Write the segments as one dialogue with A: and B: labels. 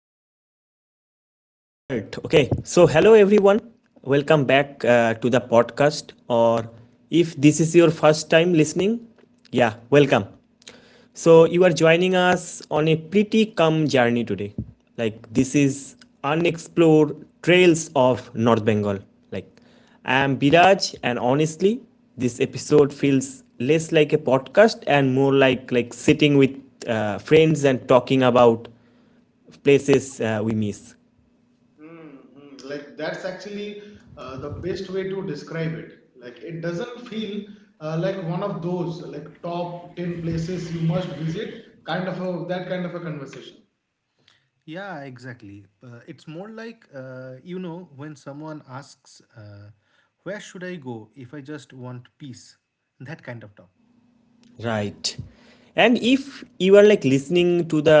A: let's just start. Okay, so hello everyone. Welcome back to the podcast. Or if this is your first time listening, yeah, welcome. So you are joining us on a pretty calm journey today. Like this is unexplored trails of North Bengal. Like I'm Biraj, and honestly, this episode feels less like a podcast and more like sitting with friends and talking about places we miss.
B: Mm-hmm. Like that's actually the best way to describe it. Like it doesn't feel like one of those like top 10 places you must visit kind of a conversation.
C: Yeah, exactly. It's more like, when someone asks, where should I go if I just want peace? That kind of talk.
A: Right. And if you are like listening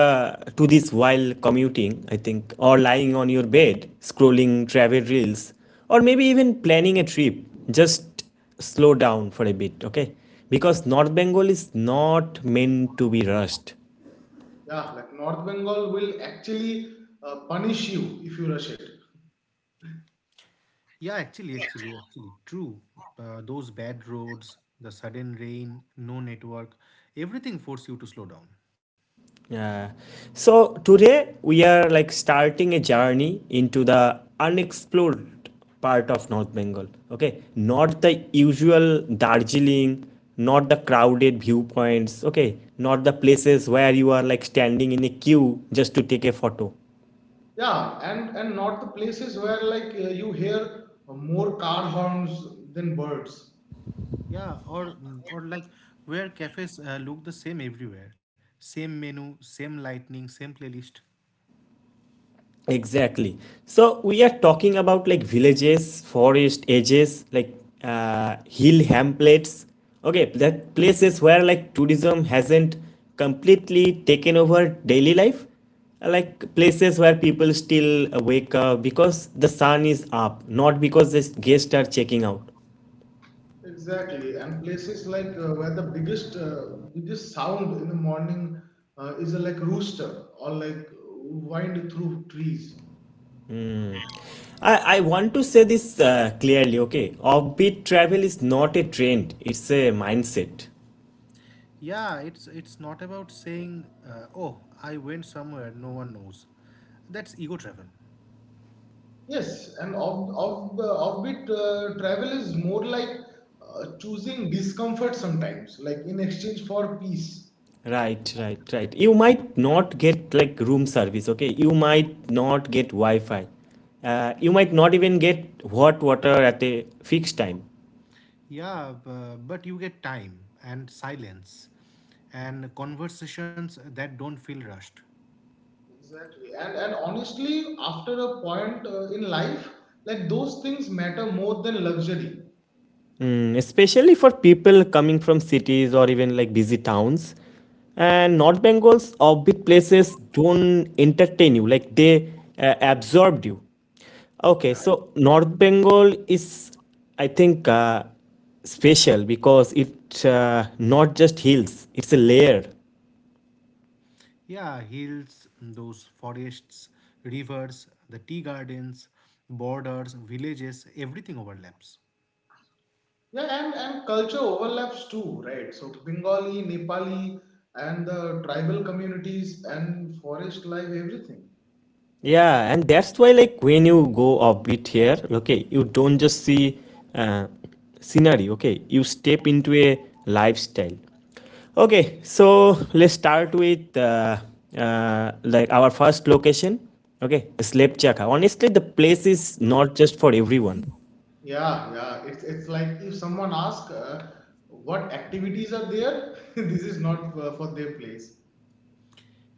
A: to this while commuting, I think, or lying on your bed, scrolling travel reels, or maybe even planning a trip, just slow down for a bit, okay? Because North Bengal is not meant to be rushed.
B: Yeah, like North Bengal will actually punish you if you rush it.
C: Yeah, actually, true. Those bad roads, the sudden rain, no network, everything force you to slow down.
A: Yeah. So today we are like starting a journey into the unexplored part of North Bengal. Okay. Not the usual Darjeeling, not the crowded viewpoints. Okay. Not the places where you are like standing in a queue just to take a photo.
B: Yeah, and not the places where like you hear more car horns than birds.
C: Yeah, or or like where cafes look the same everywhere, same menu, same lighting, same playlist.
A: Exactly. So we are talking about like villages, forest edges, like hill hamlets. Okay, that places where like tourism hasn't completely taken over daily life, like places where people still wake up because the sun is up, not because the guests are checking out.
B: Exactly, and places like where the biggest sound in the morning is a, like rooster or like wind through trees.
A: I want to say this clearly, okay? Offbeat travel is not a trend, it's a mindset.
C: Yeah, it's not about saying, "Oh, I went somewhere no one knows." That's ego travel.
B: Yes, and offbeat travel is more like choosing discomfort sometimes, like in exchange for peace.
A: Right, right, right. You might not get like room service, okay? You might not get Wi-Fi. You might not even get hot water at a fixed time.
C: Yeah, but you get time and silence and conversations that don't feel rushed.
B: Exactly, and honestly, after a point in life, like those things matter more than luxury.
A: Especially for people coming from cities or even like busy towns. And North Bengal's orbit places don't entertain you, like they absorbed you. Okay,
B: Yeah.
A: so North Bengal is, I think, special because it not just hills; it's a layer.
C: Yeah, hills, those forests, rivers, the tea gardens, borders, villages, everything overlaps.
B: Yeah, and culture overlaps too, right? So Bengali, Nepali, and the tribal communities and forest life, everything.
A: Yeah, and that's why, like, when you go offbeat here, okay, you don't just see uh, scenery, okay, you step into a lifestyle. Okay, so let's start with like our first location, okay, Slepchaka. Honestly, the place is not just for everyone.
B: Yeah, yeah. It's like if someone asks what activities are there, this is not for their place.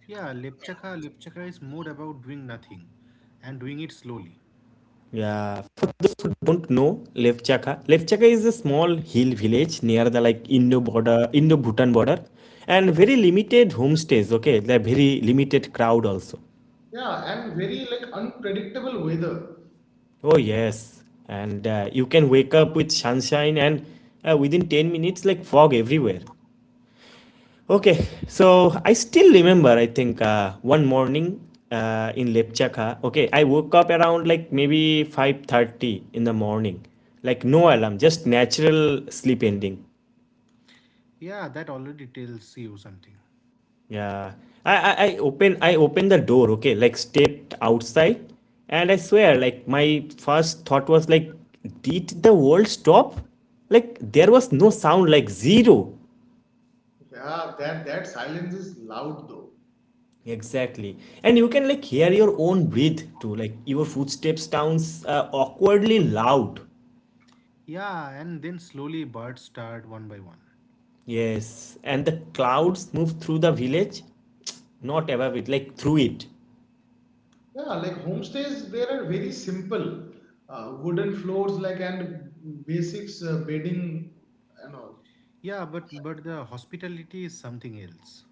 C: Yeah, Lepchaka, Lepchaka is more about doing nothing and doing it slowly.
A: Yeah, for those who don't know, Levchaka is a small hill village near the like Indo-Bhutan border, and very limited homestays. Okay, the very limited crowd also.
B: Yeah, and very like unpredictable weather.
A: Oh yes, and you can wake up with sunshine and within 10 minutes like fog everywhere. Okay, so I still remember, I think, one morning in Lepchaka. Okay, I woke up around like maybe 5:30 in the morning. Like no alarm, just natural sleep ending.
C: Yeah, that already tells you something.
A: Yeah. I opened the door, okay, like stepped outside and I swear, like my first thought was like, did the world stop? Like there was no sound, like zero.
B: Yeah, that silence is loud though.
A: Exactly. And you can like hear your own breath too. Like your footsteps sounds awkwardly loud.
C: Yeah, and then slowly birds start one by one.
A: Yes. And the clouds move through the village, not above it, like through it.
B: Yeah, like homestays, they are very simple, wooden floors, like and basics bedding, and all.
C: Yeah, but the hospitality is something else.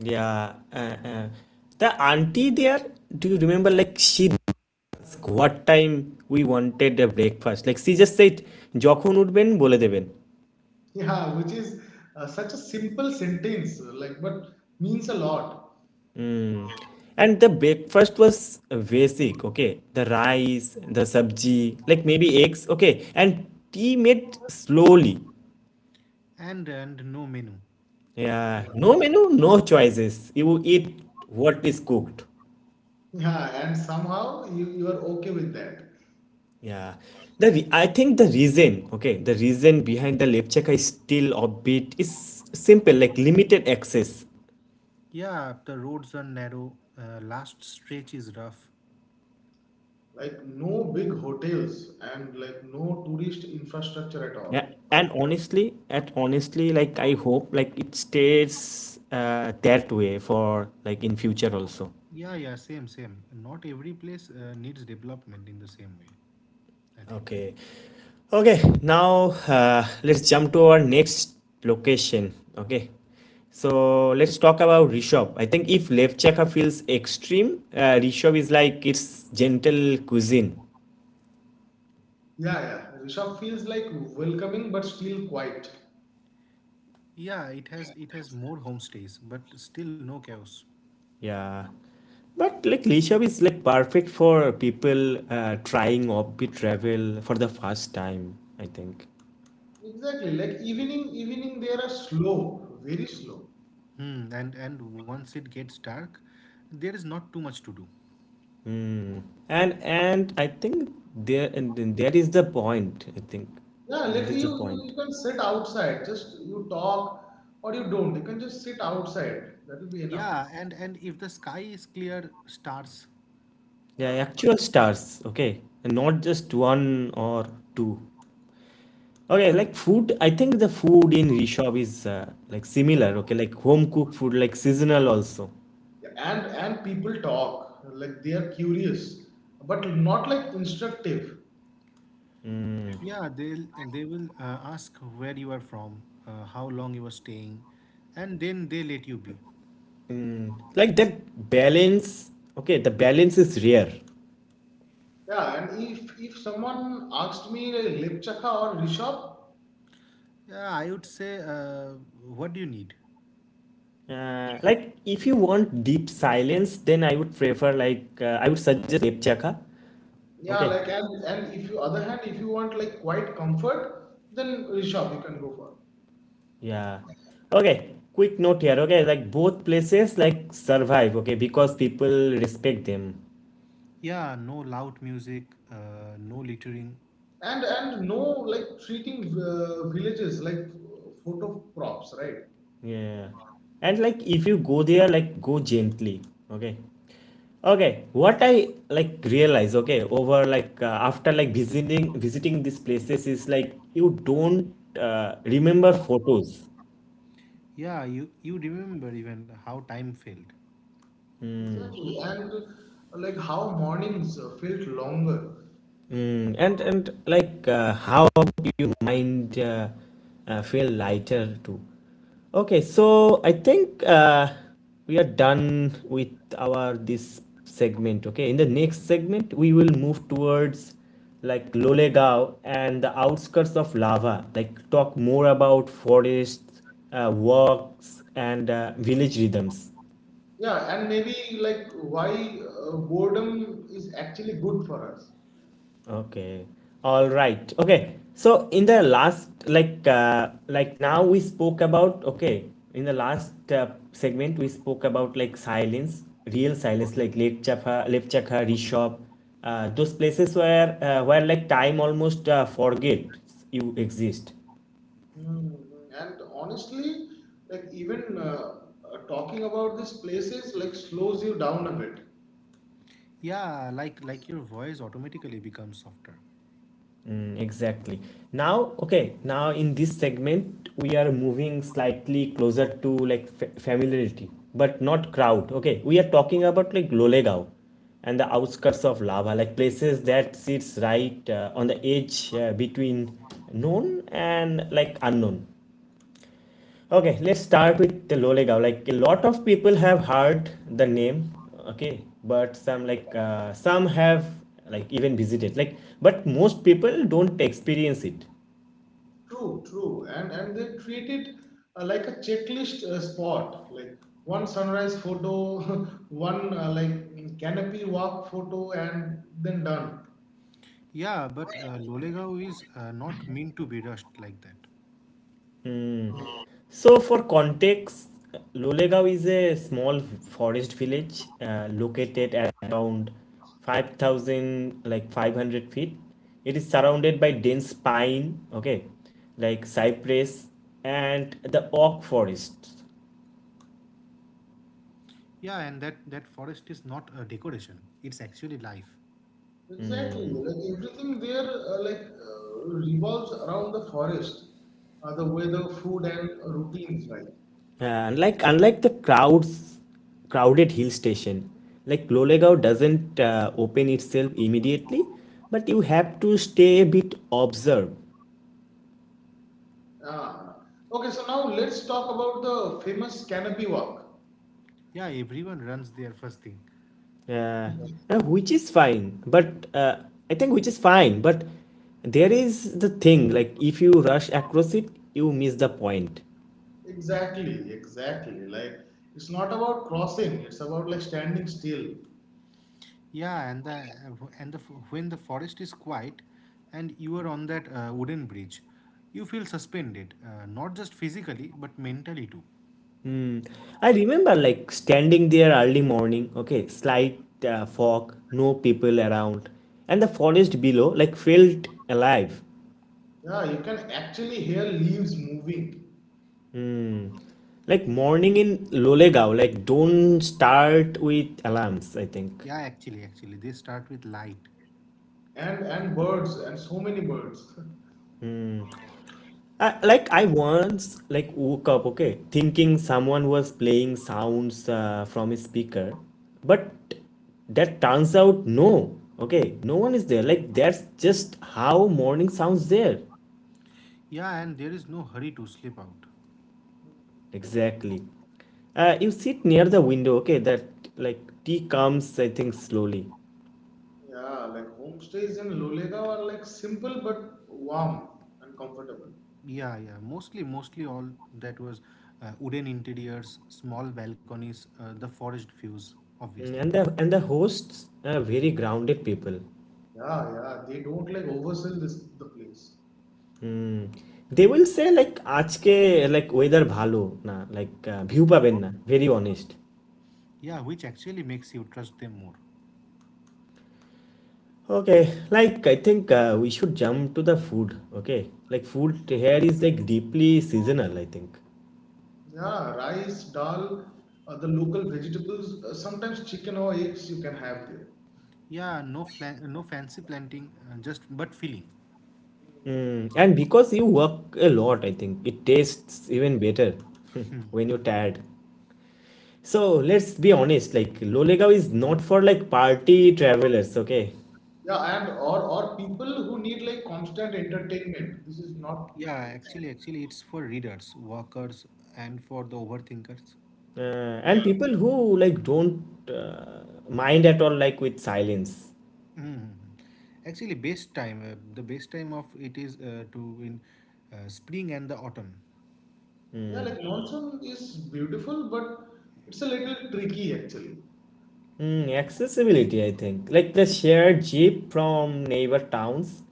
A: Yeah. Uh. The auntie there, do you remember like she asked what time we wanted a breakfast? Like she just said, যখন উঠবেন বলে দেবেন.
B: Yeah, which is such a simple sentence, but means a lot.
A: And the breakfast was basic, okay? The rice, the sabji, like maybe eggs, okay? And tea made slowly.
C: And no menu.
B: Yeah,
A: Yeah,
B: no.
A: no menu, no choices. You eat what is cooked.
B: Yeah, and somehow you are okay with that.
A: Yeah. I think the reason, okay, the reason behind the lepchaka is still a bit is simple, like limited access.
C: Yeah, the roads are narrow. Last stretch is rough.
B: Like, no big hotels and like no tourist infrastructure at
A: Yeah,
B: all.
A: and honestly, like I hope like it stays that way for like in future also.
C: Yeah, yeah, same, same. Not every place needs development in the same way, I think.
A: Okay. Okay, now let's jump to our next location. Okay. So let's talk about Rishabh. I think if Levchaka feels extreme, Rishabh is like it's gentle cuisine.
B: Yeah, yeah. Rishabh feels like welcoming but still quiet.
C: Yeah, it has more homestays, but still no chaos.
A: Yeah. But like Rishabh is like perfect for people trying offbeat travel for the first time, I think.
B: Exactly. Like evening they are slow, very slow.
C: Hmm, and once it gets dark, there is not too much to do.
A: Mm. And I think there and that is the point. I think
B: Yeah, like
A: that is the
B: you, you,
A: point.
B: you can sit outside, just you talk or you don't. You can just sit outside. That will be enough.
C: Yeah, and if the sky is clear, stars.
A: Yeah,
B: Yeah.
A: actual stars, okay, and not just one or two. Okay, like food, I think the food in Rishab is like similar, okay, like home cooked food, like seasonal also.
B: Yeah, and people talk like they are curious but not like instructive,
C: Yeah, they will ask where you are from, how long you are staying, and then they let you be.
A: Like that balance, okay, the balance is rare.
B: yeah. And if someone asked me, like, Lipchaka or Rishabh?
C: Yeah, I would say, what do you need?
A: Like if you want deep silence, then I would prefer like I would suggest Epchaka.
B: Yeah,
A: Okay,
B: like, and if you, other hand, if you want like quite comfort, then Rishabh you can go for.
A: yeah. Okay, quick note here. Okay, like both places like survive. Okay, because people respect them.
C: Yeah, no loud music, no littering.
B: And no like treating villages like photo props, right?
A: Yeah. And like if you go there, like go gently. Okay. Okay. What I like realize, okay, over like after like visiting these places is like you don't remember photos.
C: Yeah, you remember even how time failed.
B: Exactly, and like how mornings felt longer.
A: And how mind feel lighter too. Okay, so I think we are done with our this segment. Okay, in the next segment we will move towards like Lolegaon and the outskirts of lava. Like talk more about forests, walks, and village rhythms.
B: Yeah, and maybe like why boredom is actually good for us.
A: Okay. All right. Okay. So in the last like now we spoke about okay in the last segment we spoke about like silence real silence like Lake Chapha, Lepchakha, Rishab, those places where where like time almost forgets you exist.
B: Hmm. And honestly, like even talking about these places like slows you down a bit.
C: Yeah, like your voice automatically becomes softer.
B: Hmm.
A: Mm, exactly. Now, okay, now in this segment, we are moving slightly closer to like familiarity, but not crowd. Okay, we are talking about like Lolegaon and the outskirts of lava, like places that sits right on the edge between known and like unknown. Okay, let's start with the Lolegaon. Like a lot of people have heard the name, okay, but some have like even visited. Like, but most people don't experience it.
B: True, true. And they treat it like a checklist spot, like one sunrise photo, one like canopy walk photo, and then done.
C: Yeah, but Lolegao is not meant to be rushed like that.
A: So for context, Lolegaon is a small forest village located at around 5,000 like 500 feet. It is surrounded by dense pine, okay, like cypress and the oak forests.
C: Yeah, and that that forest is not a decoration. It's actually life.
B: Exactly, like everything there, revolves around the forest, the weather, food, and routines, right?
A: Yeah, unlike the crowds crowded hill station, like Lolegaon doesn't open itself immediately, but you have to stay a bit observe.
B: Ah, okay. So now let's talk about the famous canopy walk.
C: Yeah, everyone runs there first thing.
A: uh, which is fine. But I think which is fine. But there is the thing like if you rush across it, you miss the point.
B: Exactly, exactly. Like it's not about crossing; it's about like standing still.
C: Yeah, and the when the forest is quiet, and you are on that wooden bridge, you feel suspended, not just physically but mentally too.
A: I remember like standing there early morning, okay, slight fog, no people around, and the forest below like felt alive.
B: Yeah, you can actually hear leaves moving,
A: Hmm. Like morning in Lolegaon, like don't start with alarms, I think.
C: Yeah, actually, they start with light.
B: and birds, and so many birds.
A: Like I once like woke up, okay, thinking someone was playing sounds from a speaker, but that turns out no, okay, no one is there. Like that's just how morning sounds there.
C: Yeah, and there is no hurry to slip out.
A: Exactly. You sit near the window, okay, that like tea comes, I think, slowly.
B: Yeah, like homestays in Lolegaon are like simple but warm and comfortable.
C: Yeah, yeah, mostly all that was wooden interiors, small balconies, the forest views,
A: Mm.
C: obviously.
A: And the hosts are very grounded people.
B: Yeah, yeah. They don't like oversell this the place.
A: They will say like, "Aaj ke like weder bhalo na like bhupa benna." Very honest.
C: Yeah, which actually makes you trust them more.
A: Okay, like I think we should jump to the food. Okay, like food here is like deeply seasonal. I think,
B: Yeah, rice, dal, the local vegetables, sometimes chicken or eggs you can have there.
C: Yeah, no fancy planting, just but feeling.
A: and because you work a lot, I think it tastes even better when you're tired. So let's be honest. Like, Lolagow is not for like party travelers. Okay,
B: Yeah, and or people who need like constant entertainment. This is not the
C: Yeah,
B: place.
C: actually, it's for readers, workers, and for the overthinkers.
A: and people who like don't mind at all, like with silence.
C: Mhm. Actually, best time, the best time of it is to in spring and the autumn.
B: Yeah, like monsoon is beautiful, but it's a little tricky actually.
A: Accessibility, I think. Like the shared jeep from neighbor towns.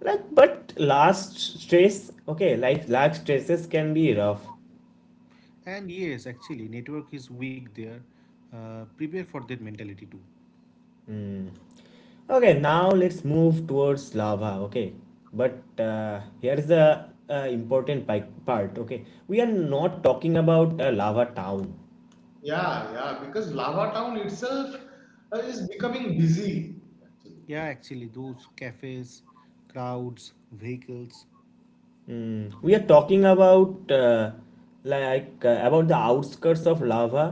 A: Like, but last stress, okay, like large stresses can be rough.
C: And yes, actually, network is weak there. Prepare for that mentality too.
A: Okay, now let's move towards lava, okay. But here is the important part, okay. We are not talking about a lava town.
B: Yeah, yeah, because Lava Town itself is becoming busy actually.
C: Yeah, actually, those cafes, crowds, vehicles,
A: Hmm. We are talking about about the outskirts of lava,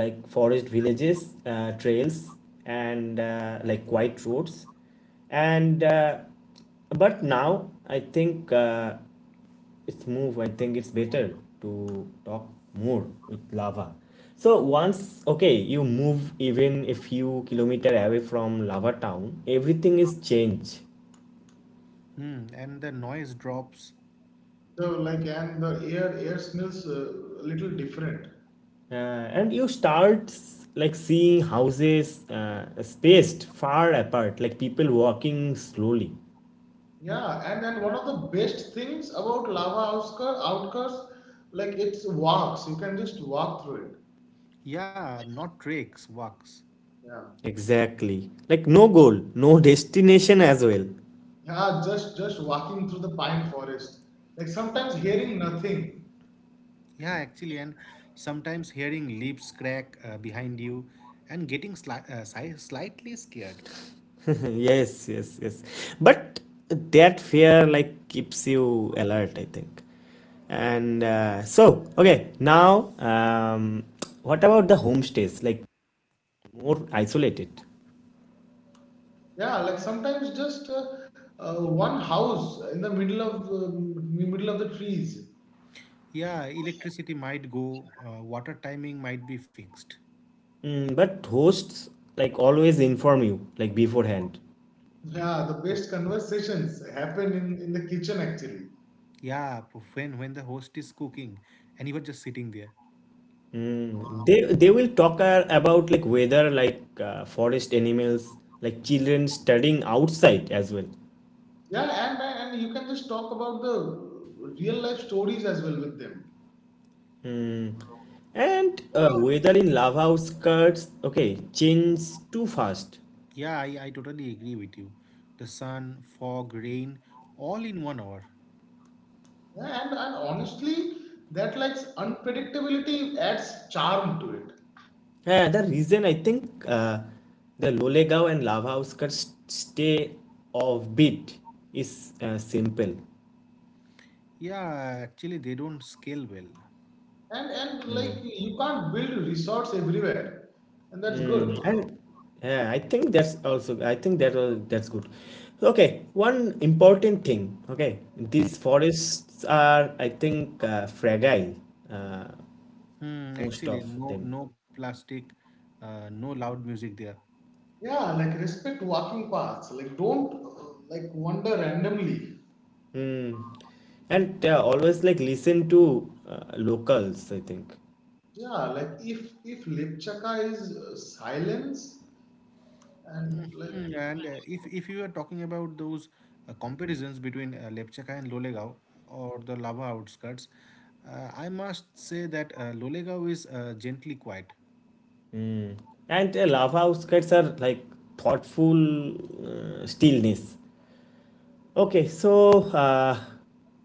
A: like forest villages, trails, and like quiet roads. And But now I think it's move I think it's better to talk more with lava. So once, okay, you move even a few kilometer away from lava town, everything is changed.
C: hmm, and the noise drops.
B: So like, and the air smells a little different.
A: And you start like seeing houses spaced far apart, like people walking slowly.
B: Yeah, and one of the best things about lava outskirts, like it's walks. You can just walk through it.
C: Yeah, not treks, walks.
B: Yeah,
A: Exactly. Like no goal, no destination as well.
B: yeah, just walking through the pine forest. Like sometimes hearing nothing.
C: Yeah, actually, and sometimes hearing leaves crack behind you and getting slightly scared.
A: Yes, yes, yes. But that fear like keeps you alert, I think. And so, okay, now what about the homestays? Like more isolated.
B: Yeah, like sometimes just one house in the middle of the trees.
C: Yeah, electricity might go, water timing might be fixed.
A: But hosts like always inform you like beforehand.
B: Yeah, the
C: Yeah,
B: best conversations happen in the kitchen actually.
C: yeah, when the host is cooking and you are just sitting there.
A: They will talk about like whether like forest animals, like children studying outside as well.
B: Yeah, and and you can just talk about the real life stories as well with them.
A: And weather in lava outskirts, okay, change too fast.
C: Yeah, I totally agree with you. The sun, fog, rain, all in 1 hour.
B: Yeah, and honestly, that like unpredictability adds charm to it.
A: Yeah, the reason I think the Lolegaon and lava outskirts stay offbeat is simple.
C: Yeah, actually, they don't scale well.
B: And like you can't build resorts everywhere, and that's good.
A: And yeah, I think that's also I think that that's good. Okay, one important thing. Okay, these forests are I think fragile, uh,
C: Hmm,
A: most
C: actually,
A: of
C: no
A: them,
C: no plastic, no loud music there.
B: Yeah, like respect walking paths. Like don't like wander randomly.
A: and they always like listen to locals. I think,
B: Yeah, like if Lipchaka is silence and like,
C: And if you are talking about those comparisons between Lepchaka and Lolegaon or the lava outskirts, I must say that Lolegaon is gently quiet.
A: and lava outskirts are like thoughtful stillness. Okay, so uh,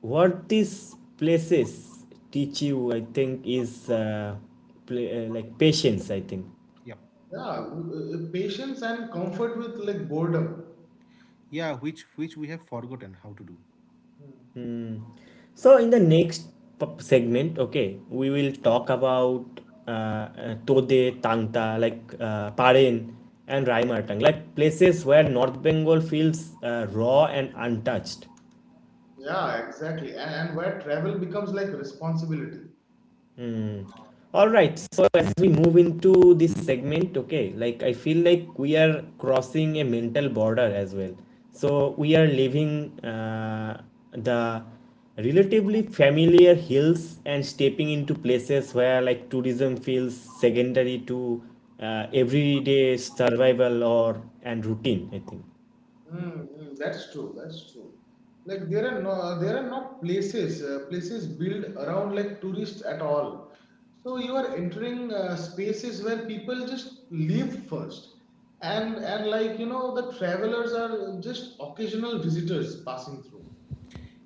A: what these places teach you, I think, is pla like patience. I think.
C: Yeah,
B: yeah, patience and comfort with like boredom.
C: yeah, which we have forgotten how to do.
B: Hmm.
A: So in the next segment, okay, we will talk about Tode, Tangta, like Paren and Raimartang, like places where North Bengal feels raw and untouched.
B: Yeah, exactly. And where travel becomes like responsibility.
A: Hmm. All right. So as we move into this segment, I feel like we are crossing a mental border as well. So we are leaving uh, the relatively familiar hills and stepping into places where tourism feels secondary to everyday survival or and routine,
B: Mm, mm, that's true. That's true. Like there are no, there are not places, places built around like tourists at all. So you are entering spaces where people just live first, and like, you know, the travelers are just occasional visitors passing through.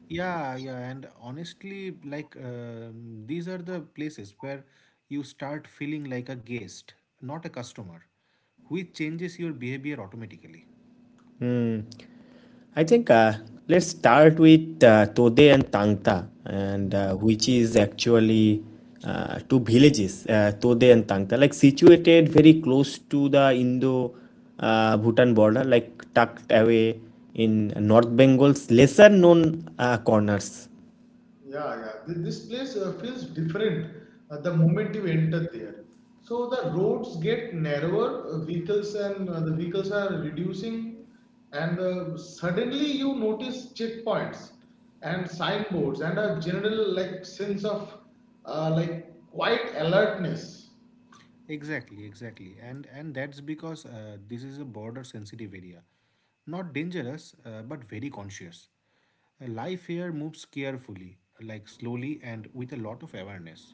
C: Yeah, yeah, and honestly, like these are the places where you start feeling like a guest, not a customer, which changes your behavior automatically.
A: think. I think Let's start with Tode and Tangta, and which is actually two villages, Tode and Tangta, like situated very close to the Indo Bhutan border, like tucked away in North Bengal's lesser known corners.
B: Yeah, yeah. This place feels different the moment you enter there. So the roads get narrower, vehicles and the vehicles are reducing, and suddenly you notice checkpoints and signboards and a general like sense of like quiet alertness.
C: Exactly, exactly. And that's because this is a border sensitive area. Not dangerous, but very conscious. Life here moves carefully, like slowly and with a lot of awareness.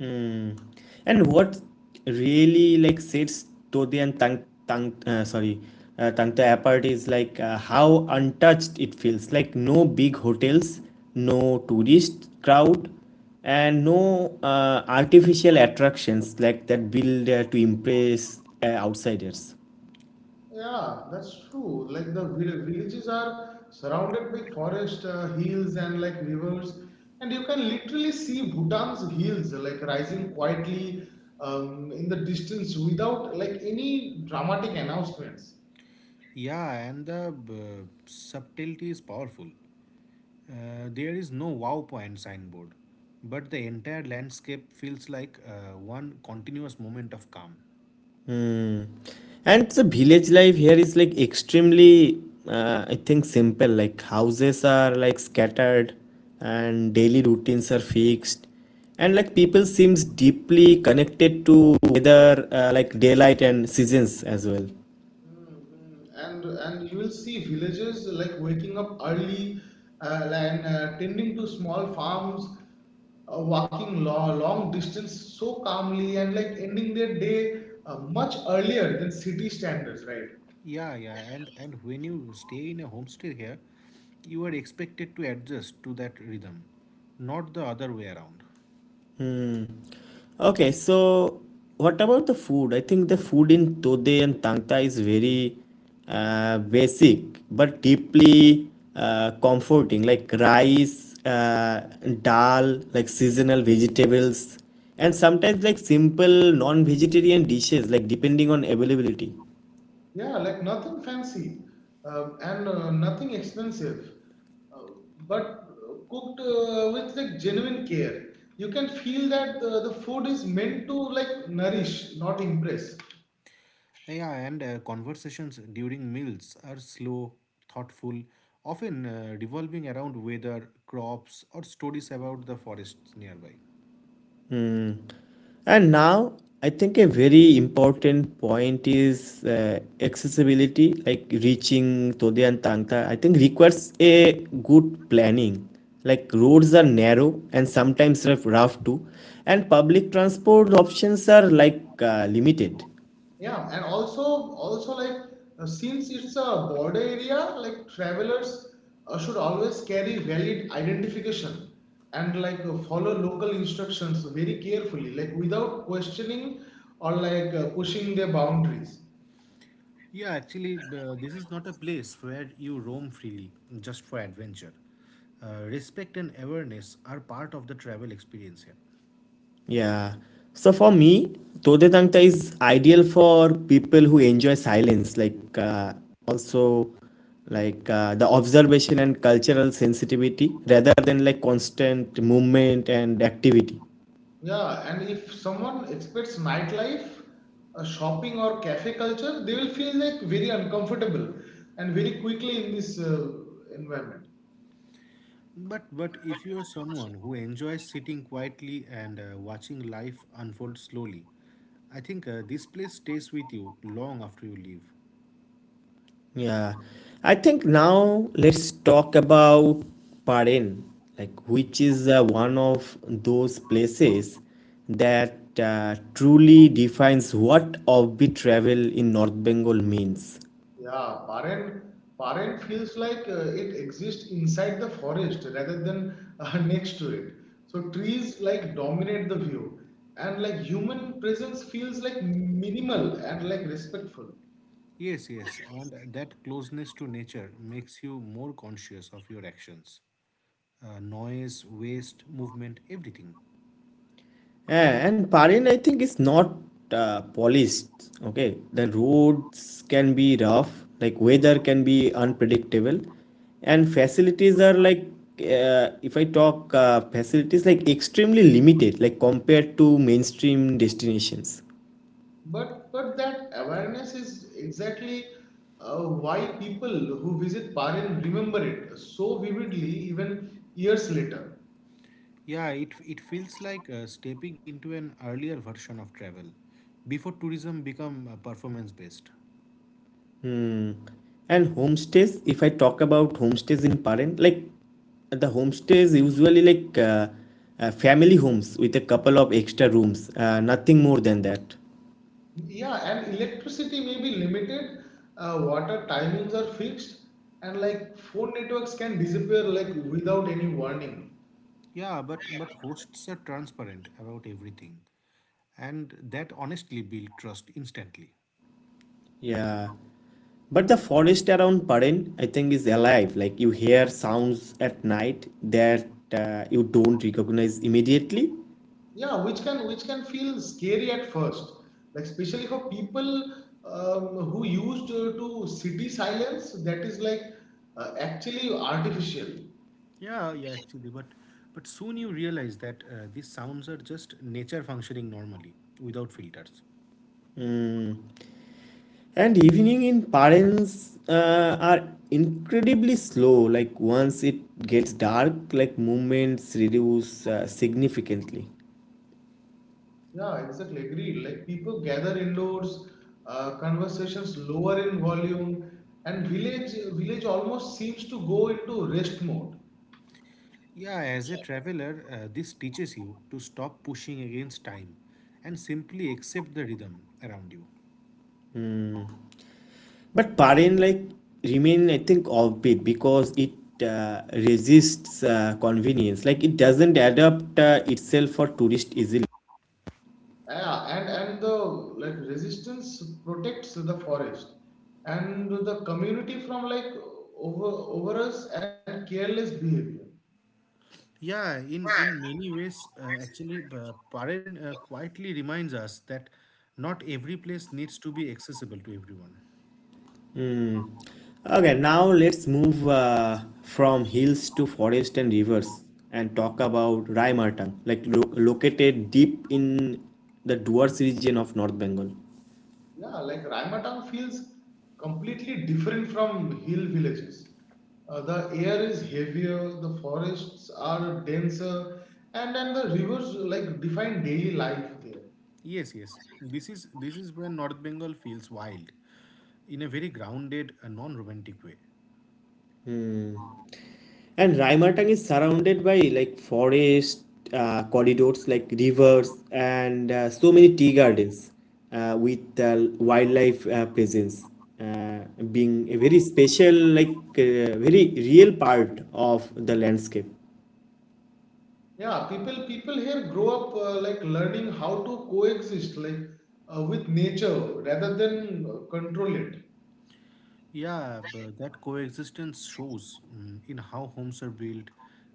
A: Mm. And what really sets Todi and Tang Tang sorry Tangta apart is how untouched it feels. Like no big hotels, no tourist crowd, and no artificial attractions that build to impress outsiders.
B: Yeah, that's true. Like the villages are surrounded by forest, hills, and like rivers, and you can literally see Bhutan's hills like rising quietly in the distance without like any dramatic announcements.
C: Yeah, and the subtlety is powerful. There is no wow point signboard, but the entire landscape feels like one continuous moment of calm.
A: And the village life here is like extremely I think simple. Like houses are like scattered and daily routines are fixed, and like people seems deeply connected to weather, daylight and seasons as well.
B: Mhm. And you will see villages like waking up early and tending to small farms, walking long, long distance so calmly and like ending their day much earlier than city standards, right?
C: Yeah, yeah, and when you stay in a homestay here, you are expected to adjust to that rhythm, not the other way around.
A: Okay, so what about the food? I think the food in Tode and Tangta is very basic but deeply comforting, like rice, dal, like seasonal vegetables, and sometimes like simple non-vegetarian dishes, like depending on availability.
B: Yeah, like nothing fancy, and nothing expensive, uh, but cooked with like genuine care. You can feel that the food is meant to like nourish, not impress.
C: Yeah, and conversations during meals are slow, thoughtful, often revolving around weather, crops, or stories about the forests nearby.
A: And now I think a very important point is accessibility, like reaching Tode and Tangta. I think requires a good planning. Like roads are narrow and sometimes rough too, and public transport options are like limited.
B: Yeah, and also like since it's a border area, like travelers should always carry valid identification and like follow local instructions very carefully, like without questioning or like pushing their boundaries.
C: Yeah, actually, this is not a place where you roam freely just for adventure. Respect and awareness are part of the travel experience here.
A: Yeah. So for me, Dodetangta is ideal for people who enjoy silence, like also like the observation and cultural sensitivity rather than like constant movement and activity.
B: Yeah, and if someone expects nightlife, shopping or cafe culture, they will feel like very uncomfortable and very quickly in this environment.
C: But if you are someone who enjoys sitting quietly and watching life unfold slowly, I think this place stays with you long after you leave.
A: Yeah. I think now let's talk about Paren, like which is one of those places that truly defines what offbeat travel in North Bengal means.
B: Yeah, Paren, Paren feels like it exists inside the forest rather than next to it. So trees like dominate the view, and like human presence feels like minimal and like respectful.
C: Yes, yes, and that closeness to nature makes you more conscious of your actions. Noise, waste, movement, everything.
A: Yeah, and Parin, I think, is not polished. Okay, the roads can be rough, like weather can be unpredictable, and facilities are like if I talk facilities like extremely limited, like compared to mainstream destinations.
B: But that awareness is exactly why people who visit Parin remember it so vividly even years later.
C: Yeah, it feels like stepping into an earlier version of travel before tourism become performance based.
A: Hmm. And homestays, if I talk about homestays in Parin, like the homestays usually family homes with a couple of extra rooms, nothing more than that.
B: Yeah, and electricity may be limited, water timings are fixed, and like phone networks can disappear like without any warning.
C: Yeah, but hosts are transparent about everything, and that honestly built trust instantly.
A: Yeah. But the forest around Paren, I think, is alive. Like you hear sounds at night that you don't recognize immediately.
B: Yeah, which can feel scary at first, like especially for people who used to city silence that is like actually artificial.
C: Yeah, yeah, actually, but soon you realize that these sounds are just nature functioning normally without filters.
A: And evening in Paren's are incredibly slow. Like once it gets dark, like movements reduce significantly.
B: Yeah, exactly. Agreed. Like people gather indoors, conversations lower in volume, and village almost seems to go into rest mode.
C: Yeah, as a traveler, this teaches you to stop pushing against time and simply accept the rhythm around you.
A: But Paren like remain, I think, offbeat because it resists convenience. Like it doesn't adapt itself for tourists easily.
B: Yeah, and the like resistance protects the forest and the community from like over over us and careless behavior.
C: Yeah, in many ways, actually, Paren quietly reminds us that not every place needs to be accessible to everyone.
A: Okay, now let's move from hills to forest and rivers and talk about Raimartang, located deep in the Duars region of North Bengal.
B: Yeah, like Raimatan feels completely different from hill villages. The air is heavier, the forests are denser, and then the rivers like define daily life there.
C: Yes, yes. This is where North Bengal feels wild, in a very grounded and non-romantic way.
A: And Raimartang is surrounded by like forest corridors, like rivers, and so many tea gardens with wildlife presence uh, being a very special, very real part of the landscape.
B: Yeah, people here grow up like learning how to coexist like with nature rather than control it.
C: Yeah, but that coexistence shows in how homes are built,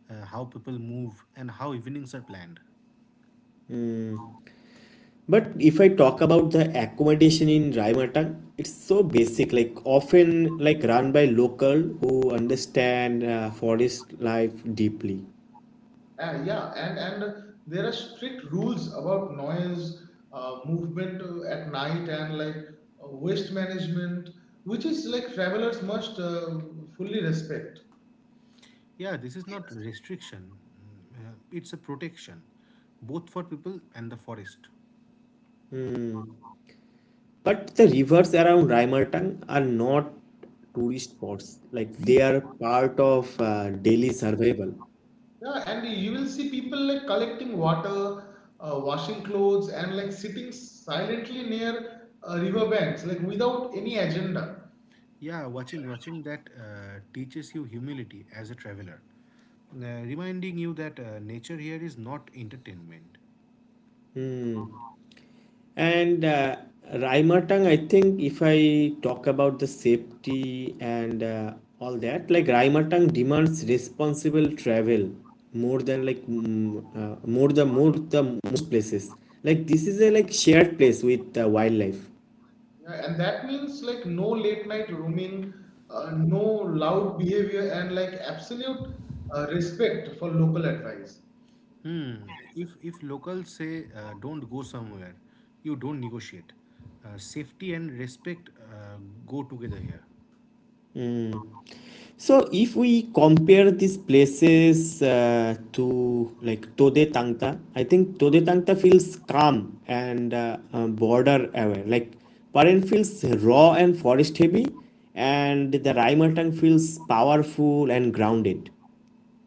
C: how people move, and how evenings are planned.
A: But if I talk about the accommodation in Raimata, it's so basic, like often like run by local who understand forest life deeply.
B: Yeah, and there are strict rules about noise, movement at night, and like waste management, which is like travelers must fully respect.
C: Yeah, this is not restriction; it's a protection, both for people and the forest.
A: But the rivers around Raimatang are not tourist spots, like they are part of daily survival.
B: Yeah, and you will see people like collecting water, washing clothes, and like sitting silently near river banks, like without any agenda.
C: Yeah, watching watching that teaches you humility as a traveler, reminding you that nature here is not entertainment.
A: Hmm. And Raimatang, I think, if I talk about the safety and all that, like Raimatang demands responsible travel more than like mm, more the most places. Like this is a like shared place with wildlife.
B: Yeah, and that means like no late night roaming, no loud behavior, and like absolute respect for local advice.
C: Hmm. If locals say don't go somewhere, you don't negotiate. Safety and respect go together here.
A: So if we compare these places to like Tode Tangta, I think Tode Tangta feels calm and border aware. Like Paren feels raw and forest heavy, and the Raimatang feels powerful and grounded.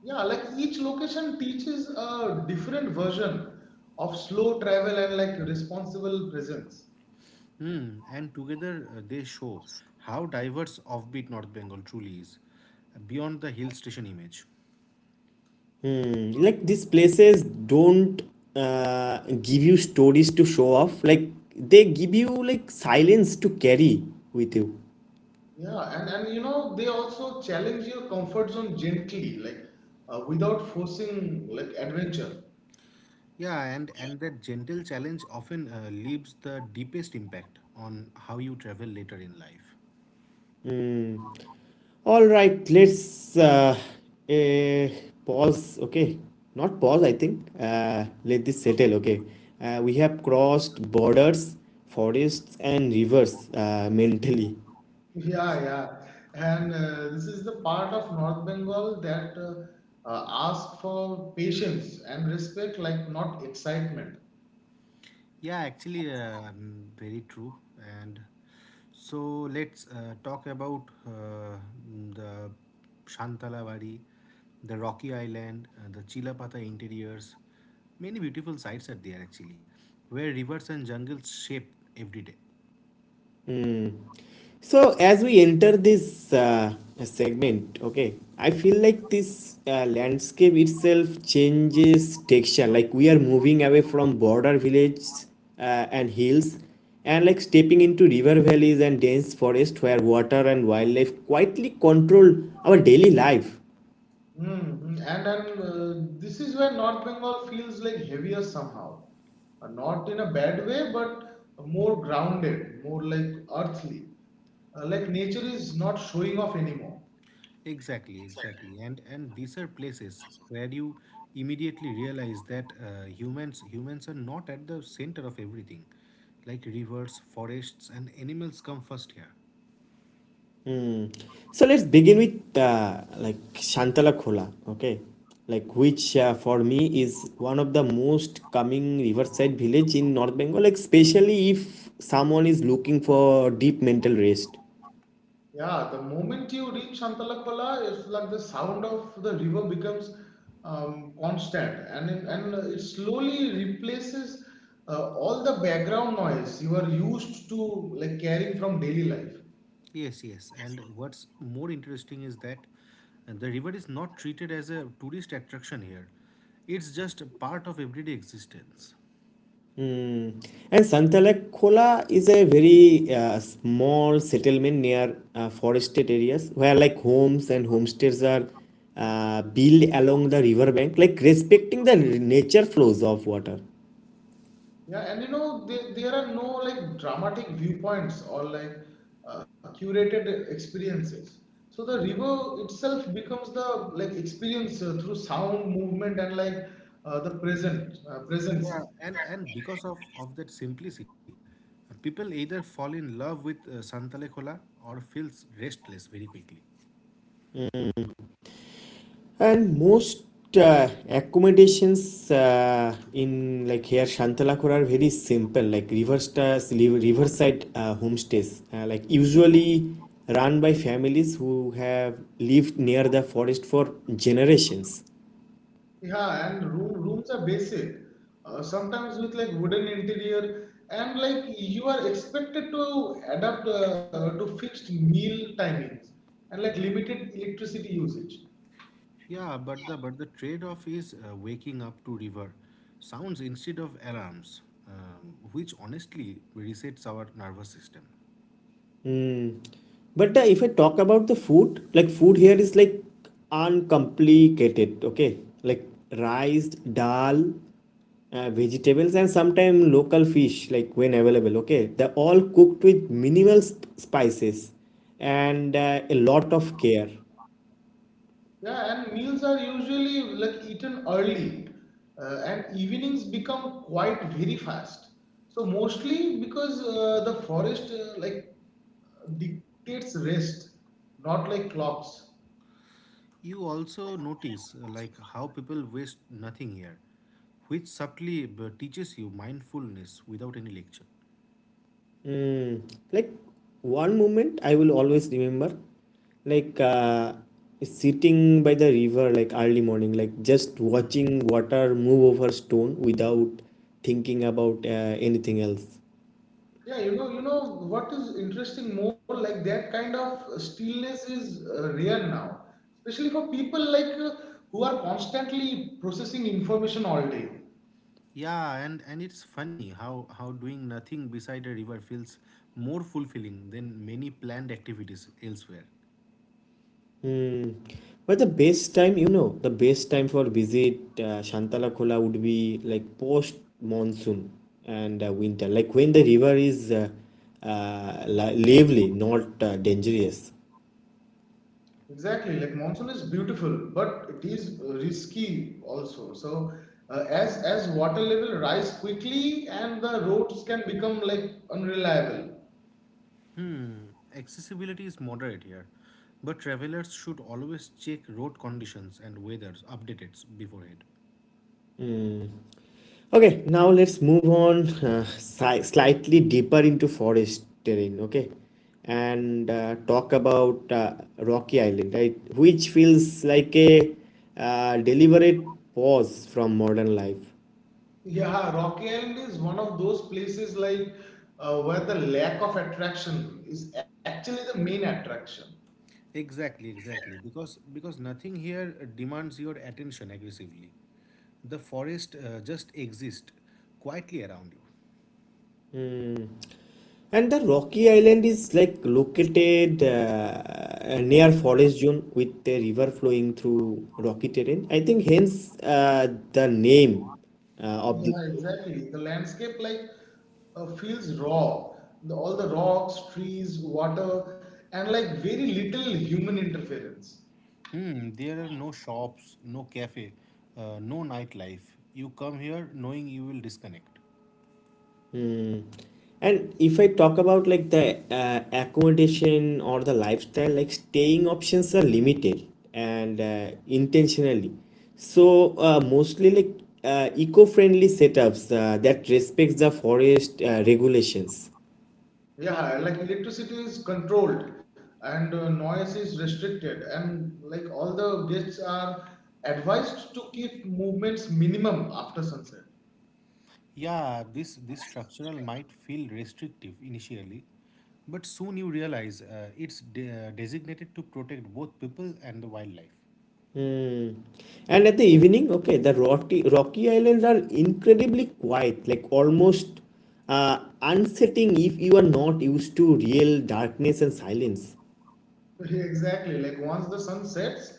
B: Yeah, like each location teaches a different version of slow travel and like responsible presence.
C: Hmm. And together they show how diverse offbeat North Bengal truly is, beyond the hill station image.
A: Mm, like these places don't give you stories to show off. Like they give you like silence to carry with you.
B: Yeah, and you know they also challenge your comfort zone gently, like without forcing like adventure.
C: Yeah, and that gentle challenge often leaves the deepest impact on how you travel later in life.
A: All right, let's eh, pause. Okay, not pause, I think. Let this settle. Okay, we have crossed borders, forests, and rivers mentally.
B: Yeah, yeah, and this is the part of North Bengal that asks for patience and respect, like not excitement.
C: Yeah, actually, very true. And so let's talk about the Shantalawadi, the Rocky Island, the Chilapatha interiors. Many beautiful sites are there actually, where rivers and jungles shape every day.
A: So, as we enter this segment, okay, I feel like this landscape itself changes texture. Like we are moving away from border villages and hills, and like stepping into river valleys and dense forest where water and wildlife quietly control our daily life.
B: Hmm. And this is where North Bengal feels like heavier somehow. Uh, not in a bad way, but more grounded, more like earthly. Like nature is not showing off anymore.
C: Exactly, exactly. And these are places where you immediately realize that humans are not at the center of everything. Like rivers, forests, and animals come first here.
A: So let's begin with Shantala Khola, okay? Like which for me is one of the most coming riverside village in North Bengal, like especially if someone is looking for deep mental rest.
B: Yeah, the moment you reach Shantalakpala, it's like the sound of the river becomes constant and it slowly replaces all the background noise you are used to like carrying from daily life.
C: Yes, yes. And what's more interesting is that the river is not treated as a tourist attraction here. It's just a part of everyday existence.
A: And Shantala Khola is a very small settlement near forested areas where like homes and homestays are built along the river bank, like respecting the nature flows of water.
B: Yeah, and you know, there are no like dramatic viewpoints or like curated experiences. So the river itself becomes the like experience through sound, movement, and like the present
C: Yeah,
B: presence.
C: and because of that simplicity, people either fall in love with Santalekola or feels restless very quickly.
A: And most accommodations in like here Shantalakor are very simple, like riverside homestays, like usually run by families who have lived near the forest for generations.
B: Yeah, and rooms are basic. Sometimes with like wooden interior, and like you are expected to adapt to fixed meal timings and like limited electricity usage.
C: Yeah, but the trade-off is waking up to river sounds instead of alarms, which honestly resets our nervous system.
A: But if I talk about the food, like food here is like uncomplicated, okay? Like rice, dal, vegetables and sometimes local fish like when available, okay, they're all cooked with minimal spices and a lot of care.
B: Yeah, and meals are usually like eaten early, and evenings become quite very fast. So mostly because the forest like dictates rest, not like clocks.
C: You also notice like how people waste nothing here, which subtly teaches you mindfulness without any lecture.
A: Mm, like one moment I will always remember, like uh, sitting by the river like early morning, like just watching water move over stone without thinking about anything else.
B: Yeah, you know what is interesting more, like that kind of stillness is rare now, especially for people like who are constantly processing information all day.
C: Yeah, and it's funny how doing nothing beside a river feels more fulfilling than many planned activities elsewhere.
A: Hmm. But the best time, you know, the best time for visit Shantalakola would be like post monsoon and winter, like when the river is lively, not dangerous.
B: Exactly, like monsoon is beautiful, but it is risky also. So, as water level rise quickly and the roads can become like unreliable.
C: Accessibility is moderate here, but travelers should always check road conditions and weather updates beforehand.
A: Okay, now let's move on slightly deeper into forest terrain. Okay, and talk about Rocky Island, right? Which feels like a deliberate pause from modern life.
B: Yeah, Rocky Island is one of those places like where the lack of attraction is actually the main attraction.
C: Exactly, exactly. Because nothing here demands your attention aggressively. The forest just exists quietly around you.
A: And the Rocky Island is like located near forest zone with the river flowing through rocky terrain. I think hence the name of the.
B: Yeah, exactly. The landscape like feels raw. All the rocks, trees, water, and like very little human interference.
C: Hmm, there are no shops, no cafe, no nightlife. You come here knowing you will disconnect.
A: Hmm. And if I talk about like the accommodation or the lifestyle, like staying options are limited and intentionally. So mostly like eco-friendly setups that respects the forest regulations.
B: Yeah, like electricity is controlled and noise is restricted, and like all the guests are advised to keep movements minimum after sunset.
C: Yeah, this structural might feel restrictive initially, but soon you realize it's designated to protect both people and the wildlife.
A: Mm. And at the evening, okay, the Rocky Islands are incredibly quiet, like almost uh, unsettling if you are not used to real darkness and silence.
B: Exactly, like once the sun sets,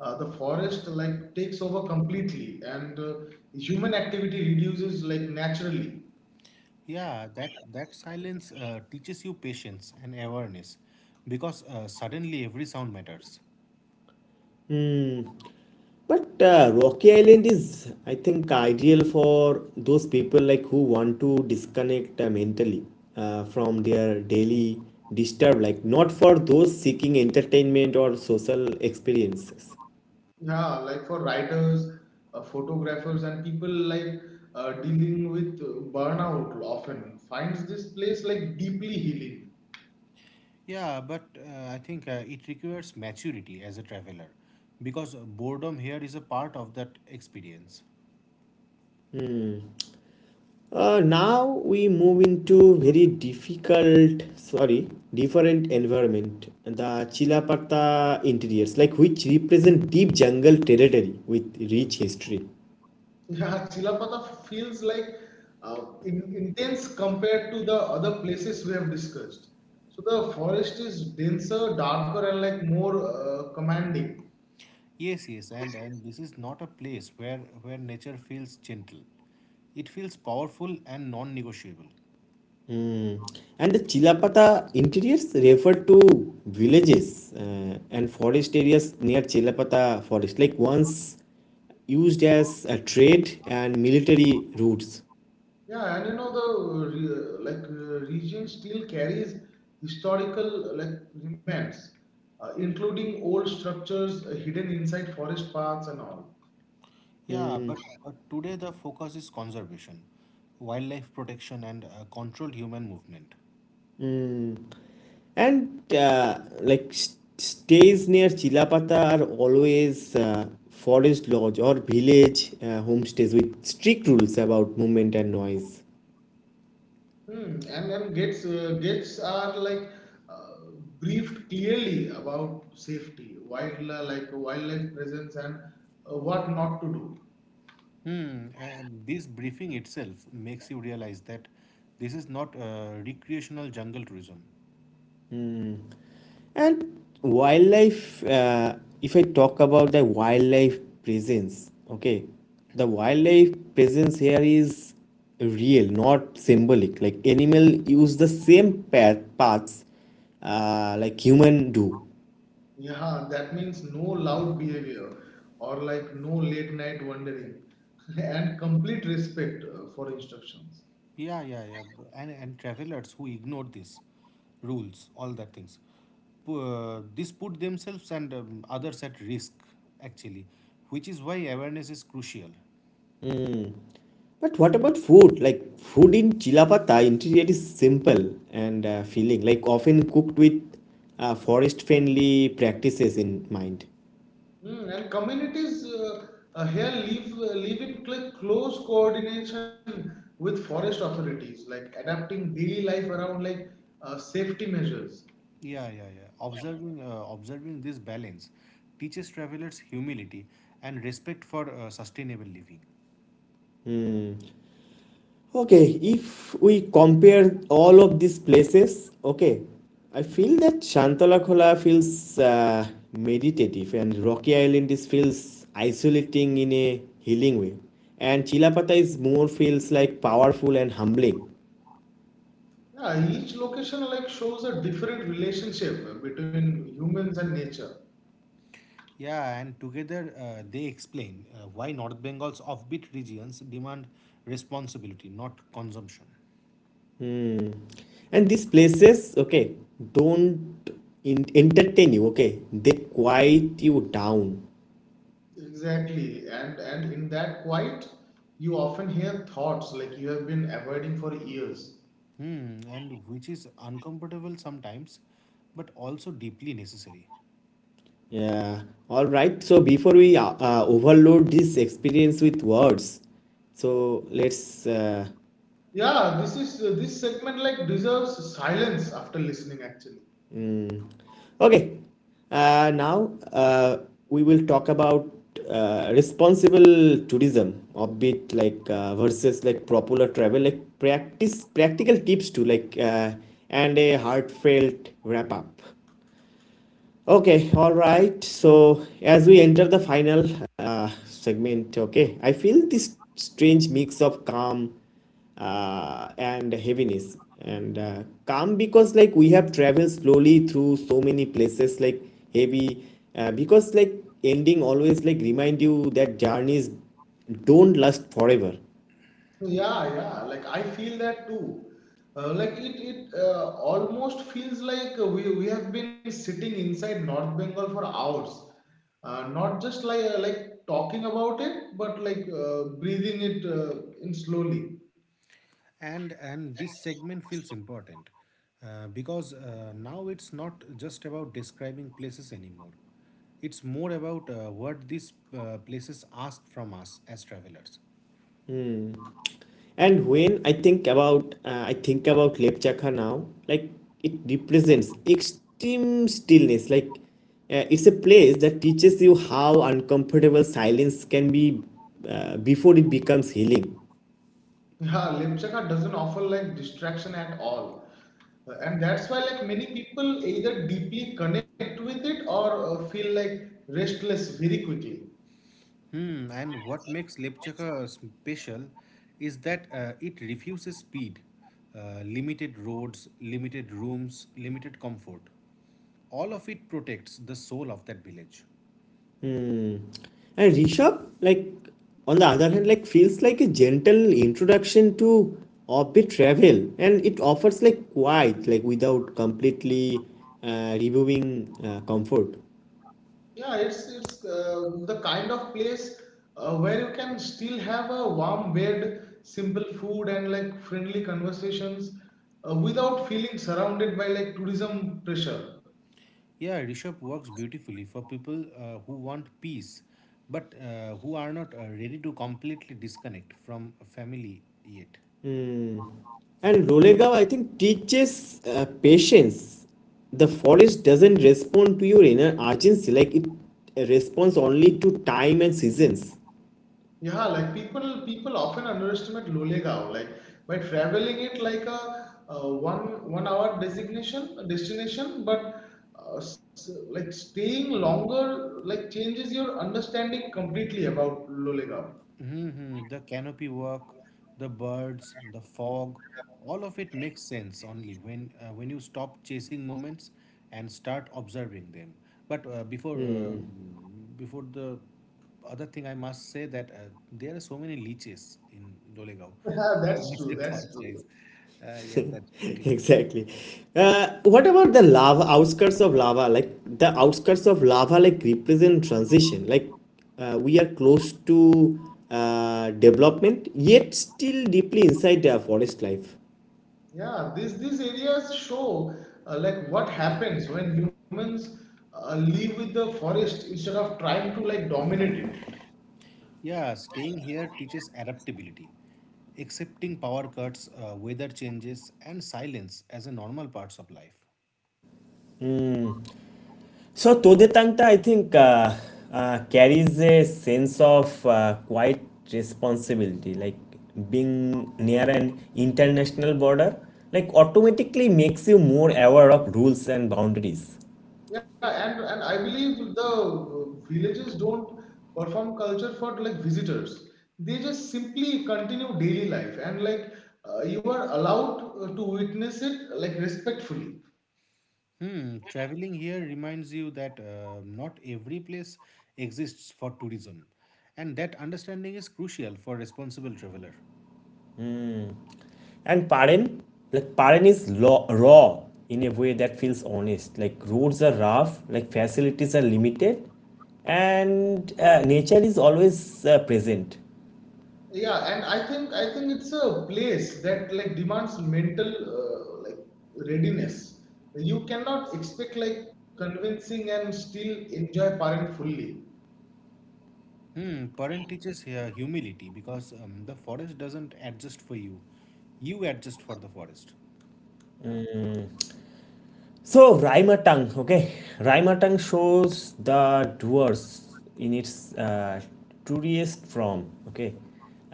B: the forest like takes over completely, and human activity reduces like naturally.
C: Yeah, that that silence teaches you patience and awareness because suddenly every sound matters.
A: Hmm. But Rocky Island is, I think, ideal for those people like who want to disconnect mentally from their daily disturb, like not for those seeking entertainment or social experiences.
B: Yeah, like for writers, photographers, and people like dealing with burnout often finds this place like deeply healing.
C: Yeah, but I think it requires maturity as a traveler because boredom here is a part of that experience.
A: Now we move into very different environment. The Chilapata interiors, like which represent deep jungle territory with rich history.
B: Yeah, Chilapata feels like intense compared to the other places we have discussed. So the forest is denser, darker, and like more commanding.
C: Yes, yes, and this is not a place where nature feels gentle. It feels powerful and non-negotiable.
A: Mm. And the Chilapata interiors refer to villages and forest areas near Chilapata forest, like once used as a trade and military routes.
B: Yeah, and you know the like region still carries historical like remains, including old structures hidden inside forest paths and all.
C: Yeah, but today the focus is conservation, wildlife protection and controlled human movement.
A: And stays near Chilapata are always forest lodge or village homestays with strict rules about movement and noise.
B: Hmm, and then gates are like uh, briefed clearly about safety, wild like wildlife presence and what not to do.
C: Hmm, this briefing itself makes you realize that this is not recreational jungle tourism.
A: And wildlife, if I talk about the wildlife presence, okay, the wildlife presence here is real, not symbolic. Like animal use the same paths like human do.
B: Yeah, that means no loud behavior or like no late night wandering and complete respect for instructions.
C: Yeah, yeah, yeah. And travelers who ignore this rules, all that things, this put themselves and others at risk, actually, which is why awareness is crucial.
A: But what about food? Like food in Chilapata interior is simple and feeling, like often cooked with forest friendly practices in mind.
B: Hmm, and communities here live in close coordination with forest authorities, like adapting daily life around like safety measures.
C: Yeah, yeah, yeah. Observing, observing this balance teaches travelers humility and respect for sustainable living.
A: Okay, if we compare all of these places, okay, I feel that Shantalakola feels meditative and Rocky Island is feels isolating in a healing way. And Chilapata is more feels like powerful and humbling.
B: Yeah, each location like shows a different relationship between humans and nature.
C: Yeah, and together they explain why North Bengal's offbeat regions demand responsibility, not consumption.
A: And these places, okay, don't entertain you, okay, they quiet you down.
B: Exactly. And in that quiet, you often hear thoughts like you have been avoiding for years.
C: Hmm, and which is uncomfortable sometimes, but also deeply necessary.
A: Yeah, all right, so before we overload this experience with words, so let's
B: Yeah, this is this segment like deserves silence after listening actually.
A: mm, okay, now we will talk about responsible tourism a bit, versus like popular travel, like practice practical tips to and a heartfelt wrap up. Okay, all right. So as we enter the final segment, okay, I feel this strange mix of calm and heaviness. And calm because like we have traveled slowly through so many places, like heavy, because like ending always like remind you that journeys don't last forever.
B: So yeah, yeah. Like I feel that too. Like it almost feels like we have been sitting inside North Bengal for hours, not just like talking about it, but like breathing it in slowly.
C: And this segment feels important because now it's not just about describing places anymore. It's more about what these places ask from us as travelers.
A: And when I think about Lepchakha now, like it represents extreme stillness. Like it's a place that teaches you how uncomfortable silence can be before it becomes healing.
B: Yeah, Lemchaka doesn't offer like distraction at all. And that's why like many people either deeply connect with it or feel like restless very quickly.
C: Hmm, and what makes Lepchaka special is that it refuses speed, limited roads, limited rooms, limited comfort. All of it protects the soul of that village.
A: And Rishabh, like on the other hand, like feels like a gentle introduction to orbit travel, and it offers like quiet, like without completely removing comfort.
B: Yeah, it's the kind of place where you can still have a warm bed, simple food, and like friendly conversations without feeling surrounded by like tourism pressure.
C: Yeah, Rishabh works beautifully for people who want peace, but who are not ready to completely disconnect from family yet.
A: And Rolega, I think, teaches patience. The forest doesn't respond to your inner urgency, like it responds only to time and seasons.
B: Yeah, like people often underestimate Lolegaon. Like by traveling it like a, one one hour designation destination, but like staying longer like changes your understanding completely about Lolegaon.
C: Hmm, the canopy work, the birds, the fog, all of it makes sense only when you stop chasing moments and start observing them. But
A: Hmm.
C: before the other thing, I must say that there are so many leeches in Lolegaon.
B: Yeah, that's
C: Must
B: true.
C: the thought
B: That's
C: size.
B: true.
C: Yeah, that's pretty true.
A: Exactly. What about the lava outskirts of lava? Like the outskirts of lava, like represent transition. Like we are close to development, yet still deeply inside the forest life.
B: Yeah, these areas show like what happens when humans live with the forest instead of trying to like dominate it.
C: Yeah, staying here teaches adaptability, accepting power cuts, weather changes, and silence as a normal parts of life.
A: So Todetanta, I think, carries a sense of quite responsibility, like being near an international border, like automatically makes you more aware of rules and boundaries.
B: Yeah, and I believe the villages don't perform culture for like visitors. They just simply continue daily life and like you are allowed to witness it like respectfully.
C: Hmm, traveling here reminds you that not every place exists for tourism, and that understanding is crucial for responsible traveler.
A: And Paren, like Paren is raw in a way that feels honest. Like roads are rough, like facilities are limited, and nature is always present.
B: Yeah, and I think it's a place that like demands mental like readiness. You cannot expect like convincing and still enjoy parent fully.
C: Hmm, parent teaches here humility because the forest doesn't adjust for you, you adjust for the forest.
B: Yeah,
A: So Raimatang, okay, Raimatang shows the dwarves in its truest form, okay,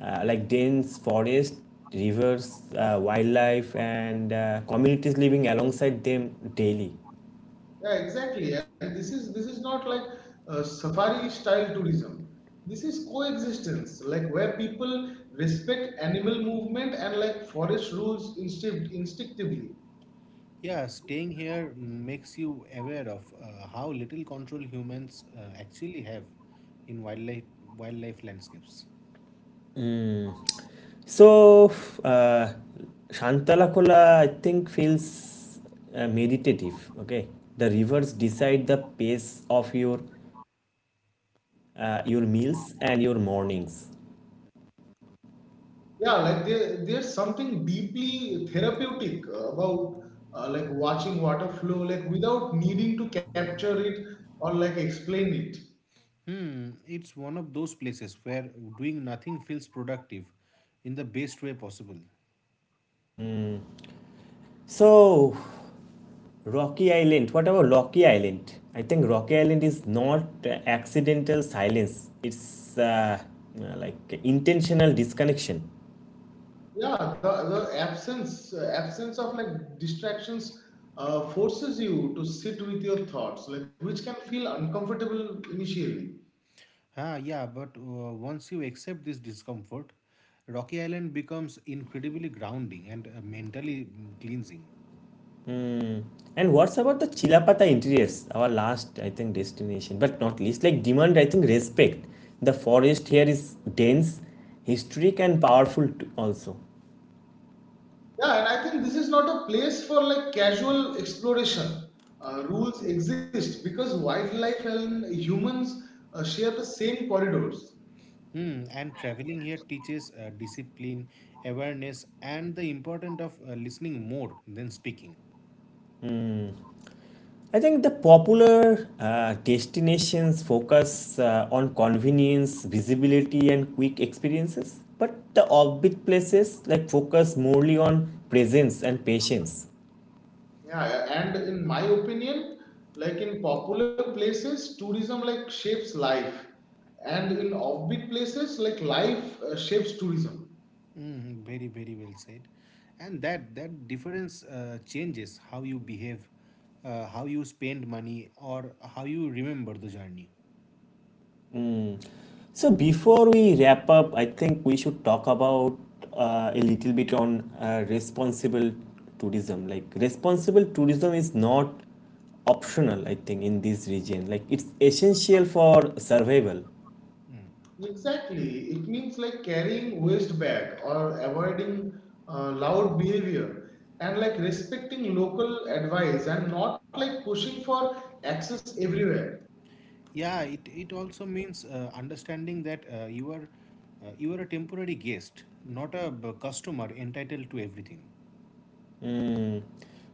A: like dense forest, rivers, wildlife, and communities living alongside them daily.
B: yeah, exactly. And this is not like safari style tourism. This is coexistence like where people respect animal movement and like forest rules instinctively.
C: Yeah, staying here makes you aware of how little control humans actually have in wildlife landscapes.
A: Mm. So uh, Shantalakola, I think, feels meditative. Okay, the rivers decide the pace of your meals and your mornings.
B: Yeah, like there's something deeply therapeutic about like watching water flow like without needing to capture it or like explain it.
C: Hmm, it's one of those places where doing nothing feels productive in the best way possible.
A: So Rocky Island. What about Rocky Island? I think Rocky Island is not accidental silence. It's like intentional disconnection.
B: Yeah, the absence of like distractions forces you to sit with your thoughts like which can feel uncomfortable initially.
C: Ah, yeah, but once you accept this discomfort, Rocky Island becomes incredibly grounding and mentally cleansing.
A: Hmm. And what's about the Chilapata interiors? Our last, I think, destination, but not least. Like demand, I think respect. The forest here is dense, historic, and powerful also.
B: Yeah, and I think this is not a place for like casual exploration. Rules exist because wildlife and humans share the same corridors.
C: Hmm, and traveling here teaches discipline, awareness, and the importance of listening more than speaking.
A: I think the popular destinations focus on convenience, visibility, and quick experiences, but the offbeat places like focus morely on presence and patience.
B: Yeah, and in my opinion, like in popular places, tourism like shapes life, and in offbeat places, like life shapes tourism.
C: Mm, very, very well said. And that that difference changes how you behave, how you spend money, or how you remember the journey.
A: So before we wrap up, I think we should talk about a little bit on responsible tourism. Like responsible tourism is not optional, I think, in this region, like it's essential for survival.
B: Exactly, it means like carrying waste bag or avoiding loud behavior, and like respecting local advice and not like pushing for access everywhere.
C: Yeah, it also means understanding that you are a temporary guest, not a customer entitled to everything.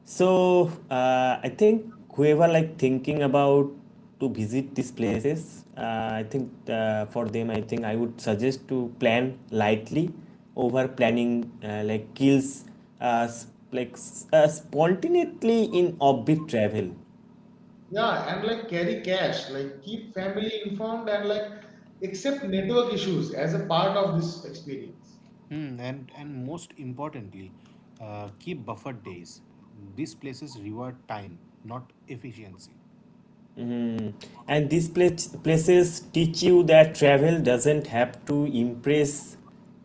A: So I think whoever like thinking about to visit these places, I think for them, I think I would suggest to plan lightly. Over planning like kills uh, like spontaneously in orbit travel.
B: Yeah, and like carry cash, like keep family informed and like accept network issues as a part of this experience.
C: Hmm, and most importantly, keep buffer days. These places reward time, not efficiency.
A: And these place, places teach you that travel doesn't have to impress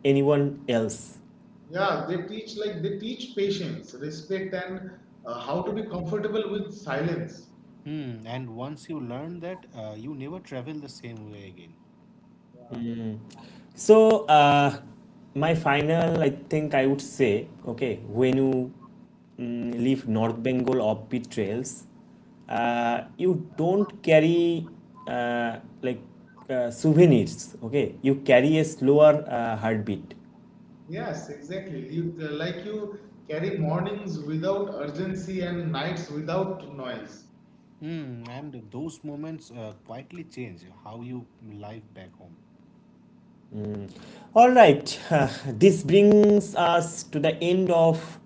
A: anyone else.
B: Yeah, they teach like they teach patience, respect, and how to be comfortable with silence.
C: Hmm, and once you learn that, you never travel the same way again.
A: So my final, I think, I would say, okay, when you leave North Bengal offbeat trails, you don't carry uh, like souvenirs. Okay, you carry a slower heartbeat.
B: Yes, exactly. You like you carry mornings without urgency and nights without noise.
C: Hmm, and those moments quietly change how you live back home.
A: All right, this brings us to the end of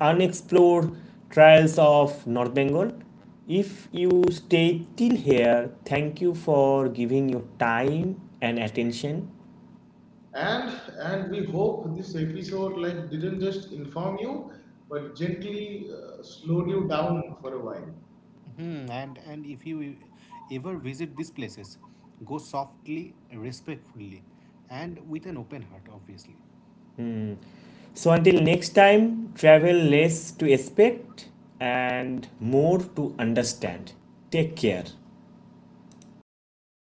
A: unexplored trials of North Bengal. If you stay till here, thank you for giving your time and attention.
B: And and we hope this episode like didn't just inform you, but gently slowed you down for a while.
C: Hmm, and if you ever visit these places, go softly, respectfully, and with an open heart, obviously.
A: So, until next time, travel less to expect and more to understand. Take care.